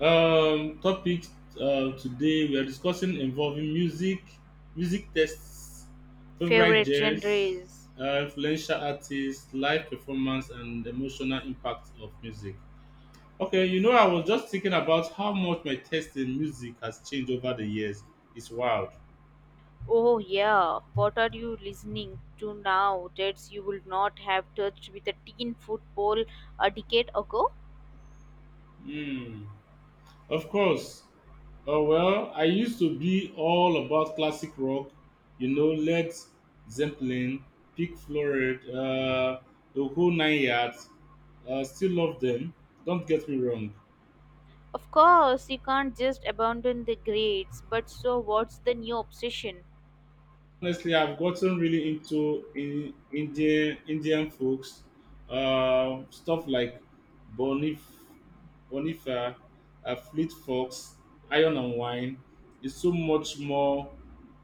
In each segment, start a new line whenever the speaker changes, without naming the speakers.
Topic today we are discussing involving music, music tests, favorite
Favorite
genres,
genres?
influential artists, live performance, and emotional impact of music. Okay, you know, I was just thinking about how much my taste in music has changed over the years. It's wild.
Oh, yeah. What are you listening to now that you would not have touched with a teen football a decade ago?
Hmm. Of course. Oh, well, I used to be all about classic rock, you know, Led Zeppelin, Pink Floyd, the whole nine yards. Still love them. Don't get me wrong.
Of course, you can't just abandon the grades, but so what's the new obsession?
Honestly, I've gotten really into in, Indian Indian folks, stuff like Bonif, Bonifa, Fleet Fox, Iron and Wine. It's so much more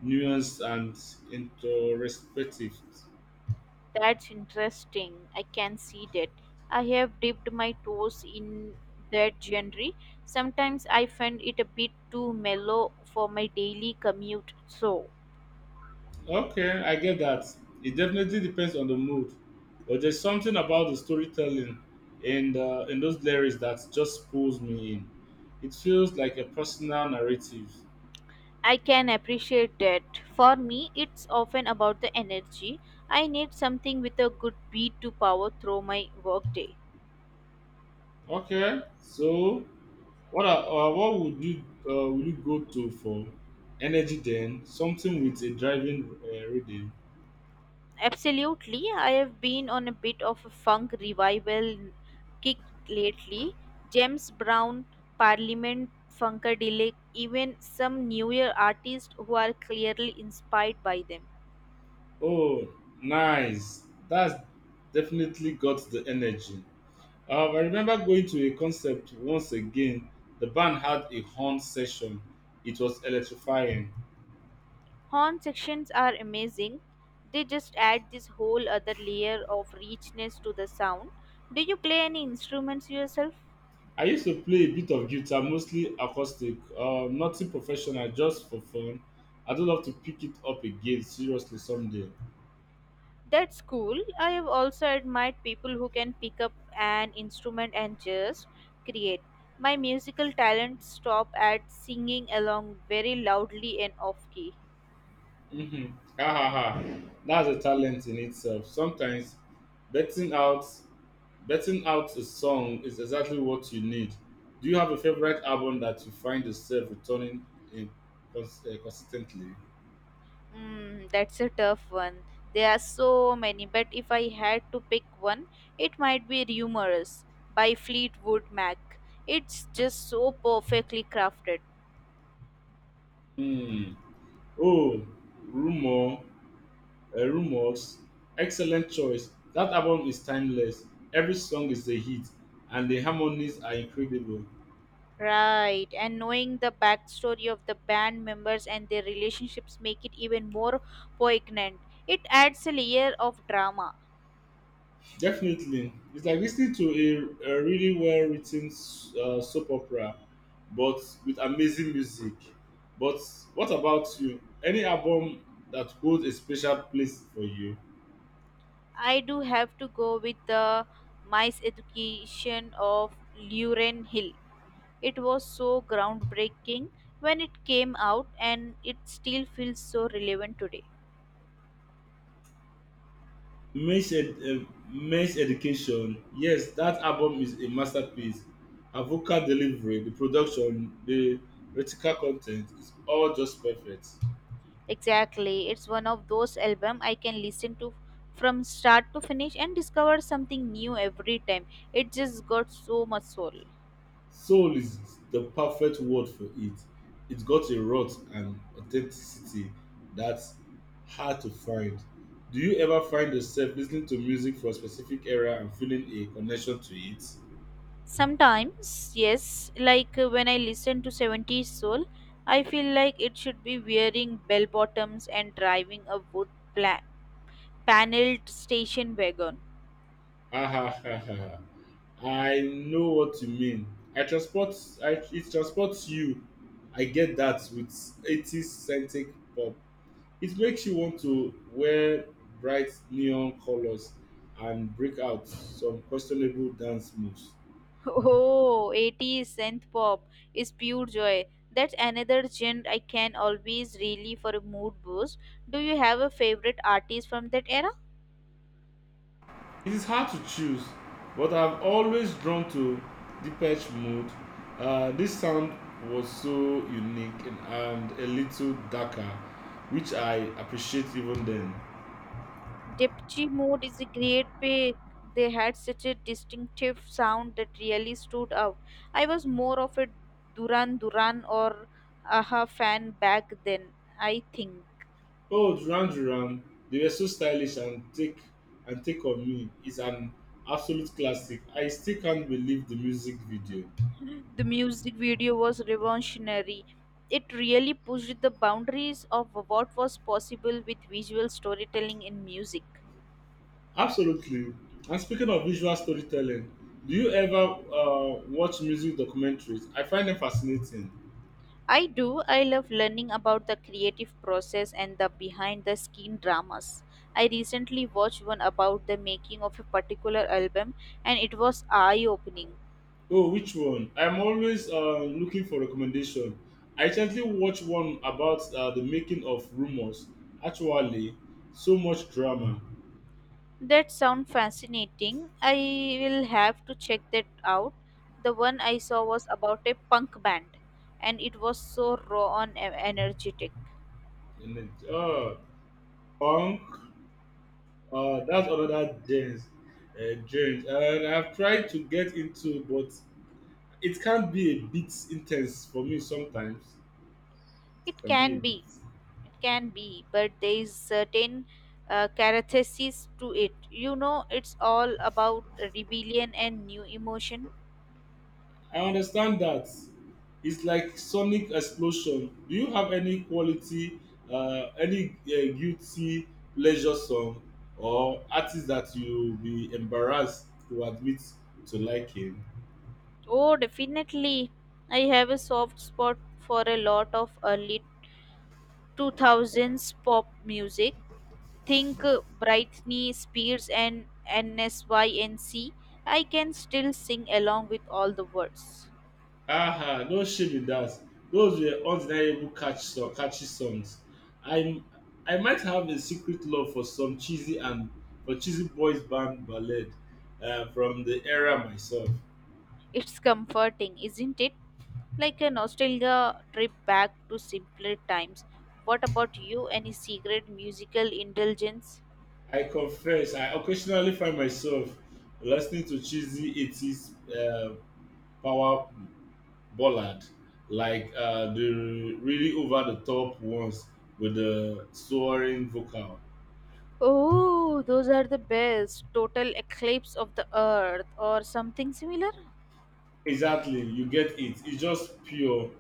nuanced and introspective.
That's interesting. I can see that. I have dipped my toes in that genre. Sometimes I find it a bit too mellow for my daily commute, so.
Okay, I get that. It definitely depends on the mood, but there's something about the storytelling and in those lyrics that just pulls me in. It feels like a personal narrative.
I can appreciate that. For me, it's often about the energy. I need something with a good beat to power through my workday.
Okay, so what would you go to for energy then? Something with a driving reading.
Absolutely, I have been on a bit of a funk revival kick lately. James Brown, Parliament, Funkadelic, even some newer artists who are clearly inspired by them.
Oh, nice. That's definitely got the energy. I remember going to a concert once again. The band had a horn session. It was electrifying.
Horn sections are amazing. They just add this whole other layer of richness to the sound. Do you play any instruments yourself?
I used to play a bit of guitar, mostly acoustic, nothing professional, just for fun. I'd love to pick it up again seriously someday.
That's cool. I have also admired people who can pick up an instrument and just create. My musical talent stop at singing along very loudly and off key.
Hmm. Ha ha ha. That's a talent in itself. Sometimes betting out betting out a song is exactly what you need. Do you have a favorite album that you find yourself returning in consistently?
Mm, that's a tough one. There are so many, but if I had to pick one, it might be Rumors by Fleetwood Mac. It's just so perfectly crafted.
Hmm. Oh, rumor, rumors. Excellent choice. That album is timeless. Every song is a hit, and the harmonies are incredible.
Right, and knowing the backstory of the band members and their relationships make it even more poignant. It adds a layer of drama.
Definitely, it's like listening to a really well written soap opera, but with amazing music. But what about you? Any album that holds a special place for you?
I do have to go with the Mice Education of Luren Hill. It was so groundbreaking when it came out and it still feels so relevant today.
Men's, ed- uh, Men's Education. Yes, that album is a masterpiece. Her vocal delivery, the production, the reticle content is all just perfect.
Exactly. It's one of those albums I can listen to from start to finish and discover something new every time. It just got so much soul.
Soul is the perfect word for it. It's got a rot and authenticity that's hard to find. Do you ever find yourself listening to music for a specific era and feeling a connection to it?
Sometimes, yes, like when I listen to 70s soul, I feel like it should be wearing bell bottoms and driving a wood pla- paneled station wagon.
Ha ha ha ha, ha. I know what you mean. I transport it transports you. I get that with 80s centric pop. It makes you want to wear bright neon colors and break out some questionable dance moves.
Oh, 80s synth pop is pure joy. That's another genre I can always really for a mood boost. Do you have a favorite artist from that era?
It is hard to choose, but I've always drawn to Depeche Mode. This sound was so unique and a little darker, which I appreciate even then.
Dipchi Mode is a great pick. They had such a distinctive sound that really stood out. I was more of a Duran Duran or Aha fan back then, I think.
Oh, Duran Duran, they were so stylish and take on me is an absolute classic. I still can't believe the music video.
The music video was revolutionary. It really pushed the boundaries of what was possible with visual storytelling in music.
Absolutely. And speaking of visual storytelling, do you ever watch music documentaries? I find them fascinating.
I do. I love learning about the creative process and the behind the scene dramas. I recently watched one about the making of a particular album and it was eye opening.
Oh, which one? I'm always looking for recommendation. I recently watched one about the making of Rumors. Actually, so much drama
That sounds fascinating. I will have to check that out. The one I saw was about a punk band, and it was so raw and energetic.
in it. Punk. That's another James. And I've tried to get into, but it can be a bit intense for me sometimes. It
It
can be a
can
bit.
be, it can be, but there is certain characteristics to it. You know, it's all about rebellion and new emotion.
I understand that. It's like sonic explosion. Do you have any guilty pleasure song or artist that you be embarrassed to admit to liking?
Oh, definitely. I have a soft spot for a lot of early 2000s pop music. Think Britney Spears and NSYNC, I can still sing along with all the words.
Aha, no shame in that. Those were undeniable catchy songs. I'm I might have a secret love for some cheesy and for cheesy boys band ballad from the era myself.
It's comforting, isn't it? Like a nostalgia trip back to simpler times. What about you? Any secret musical indulgence?
I confess, I occasionally find myself listening to cheesy 80s power ballad, like the really over the top ones with the soaring vocal.
Oh, those are the best. Total eclipse of the earth or something similar?
Exactly, you get it. It's just pure,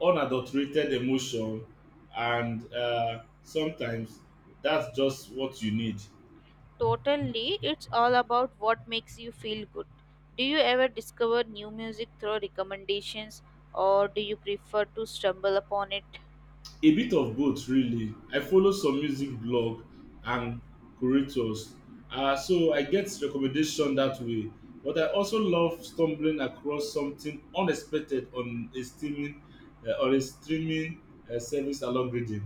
unadulterated emotion, and sometimes that's just what you need.
Totally, it's all about what makes you feel good. Do you ever discover new music through recommendations or do you prefer to stumble upon it?
A bit of both really. I follow some music blog and curators, so I get recommendation that way. But I also love stumbling across something unexpected on a streaming service algorithm.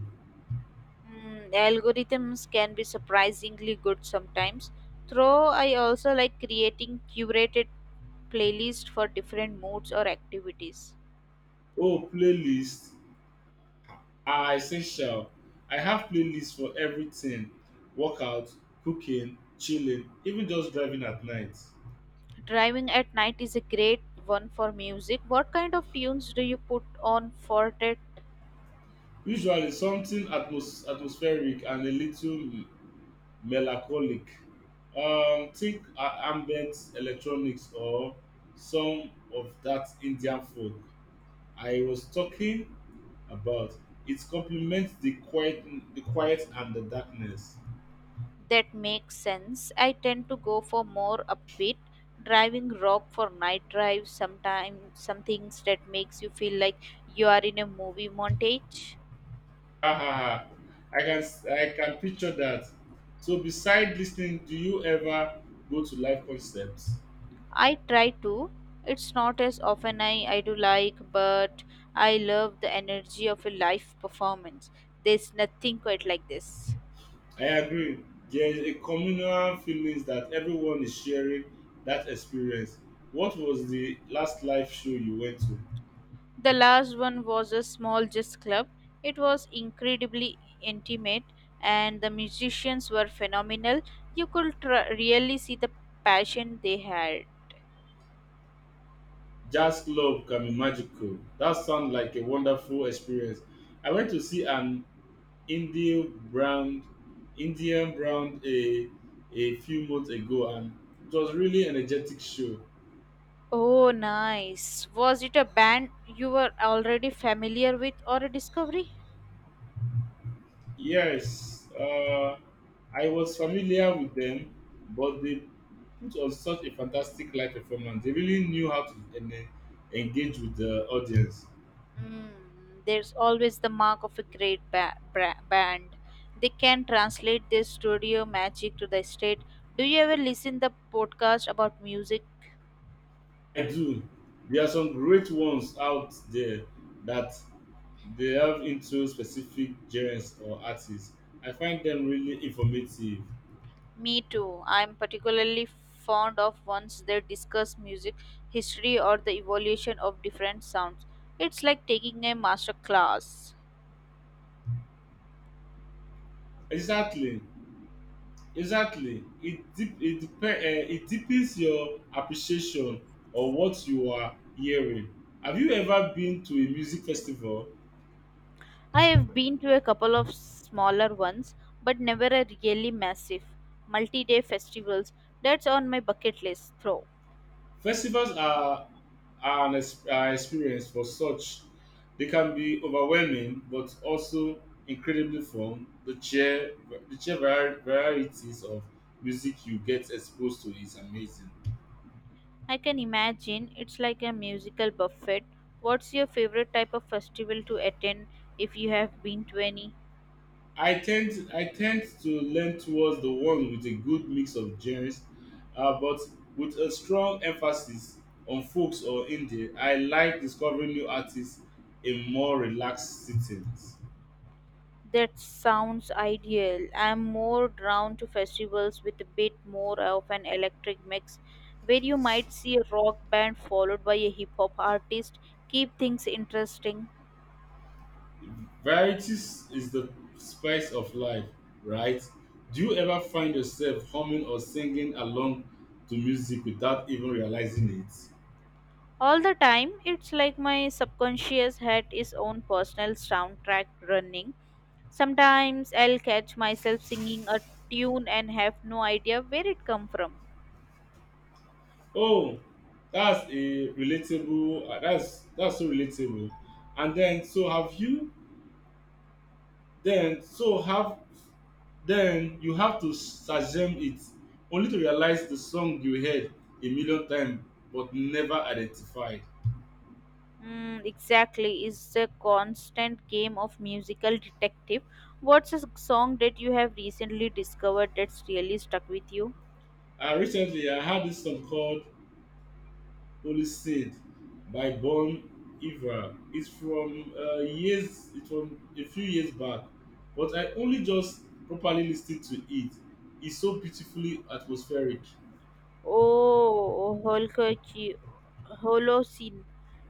Mm, algorithms can be surprisingly good sometimes. Though I also like creating curated playlists for different moods or activities.
Oh, playlists are essential. I have playlists for everything: workout, cooking, chilling, even just driving at night.
Driving at night is a great one for music. What kind of tunes do you put on for that?
Usually something atmospheric and a little melancholic, think ambient electronics or some of that indian folk I was talking about. It complements the quiet and the darkness.
That makes sense. I tend to go for more upbeat, driving rock for night drives. Sometimes some things that makes you feel like you are in a movie montage.
Ha ha ha. i can I can picture that. So beside listening, do you ever go to live concerts?
I try to. It's not as often I do like, but I love the energy of a live performance. There's nothing quite like this.
I agree, there is a communal feelings that everyone is sharing that experience. What was the last live show you went to?
The last one was a small jazz club. It was incredibly intimate, and the musicians were phenomenal. You could really see the passion they had.
Jazz club can be magical. That sounds like a wonderful experience. I went to see an Indian brand, Indian brand a few months ago, and it was really energetic show.
Oh, nice. Was it a band you were already familiar with or a discovery?
Yes, I was familiar with them, but they put on such a fantastic live performance. They really knew how to engage with the audience.
Mm, there's always the mark of a great band. They can translate their studio magic to the state. Do you ever listen the podcast about music?
I do. There are some great ones out there that they delve into specific genres or artists. I find them really informative.
Me too. I'm particularly fond of ones that discuss music history or the evolution of different sounds. It's like taking a master class.
Exactly, exactly. It deepens your appreciation of what you are hearing. Have you ever been to a music festival?
I have been to a couple of smaller ones, but never a really massive multi day festivals. That's on my bucket list, though.
Festivals are are experience for such. They can be overwhelming, but also incredibly fun. The chair variety varieties of music you get exposed to is amazing.
I can imagine it's like a musical buffet. What's your favorite type of festival to attend if you have been to any?
I tend to lean towards the one with a good mix of genres, but with a strong emphasis on folks or indie. I like discovering new artists in more relaxed settings.
That sounds ideal. I'm more drawn to festivals with a bit more of an electric mix, where you might see a rock band followed by a hip hop artist. Keep things interesting.
Varieties is the spice of life, right? Do you ever find yourself humming or singing along to music without even realizing it?
All the time, it's like my subconscious had its own personal soundtrack running. Sometimes I'll catch myself singing a tune and have no idea where it come from.
Oh, that's a relatable. That's so relatable. And then, so have you Then so have then you have to shazam it only to realize the song you heard a million times but never identified.
Mm, exactly, it's a constant game of musical detective. What's a song that you have recently discovered that's really stuck with you?
Recently, I heard this song called Holy Saint by Bon Iver. It's from a few years back, but I only just properly listened to it. It's so beautifully atmospheric.
Oh, Holocene.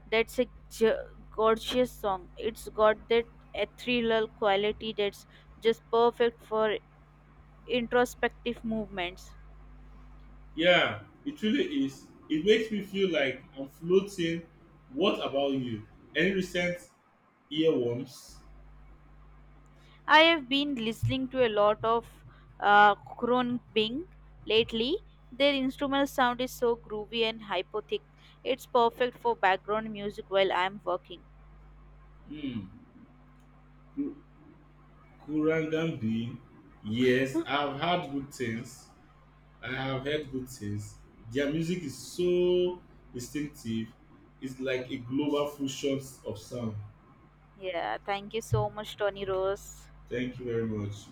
That's a gorgeous song. It's got that ethereal quality that's just perfect for introspective movements.
Yeah, it really is. It makes me feel like I'm floating. What about you? Any recent earworms?
I have been listening to a lot of uh, Bing lately. Their instrumental sound is so groovy and hypothic. It's perfect for background music while I'm working.
Hmm. Ku- Kurangan bean? Yes, I've had good things. I have heard good things. Their music is so distinctive. It's like a global fusion of sound.
Yeah, thank you so much, Tony Rose.
Thank you very much.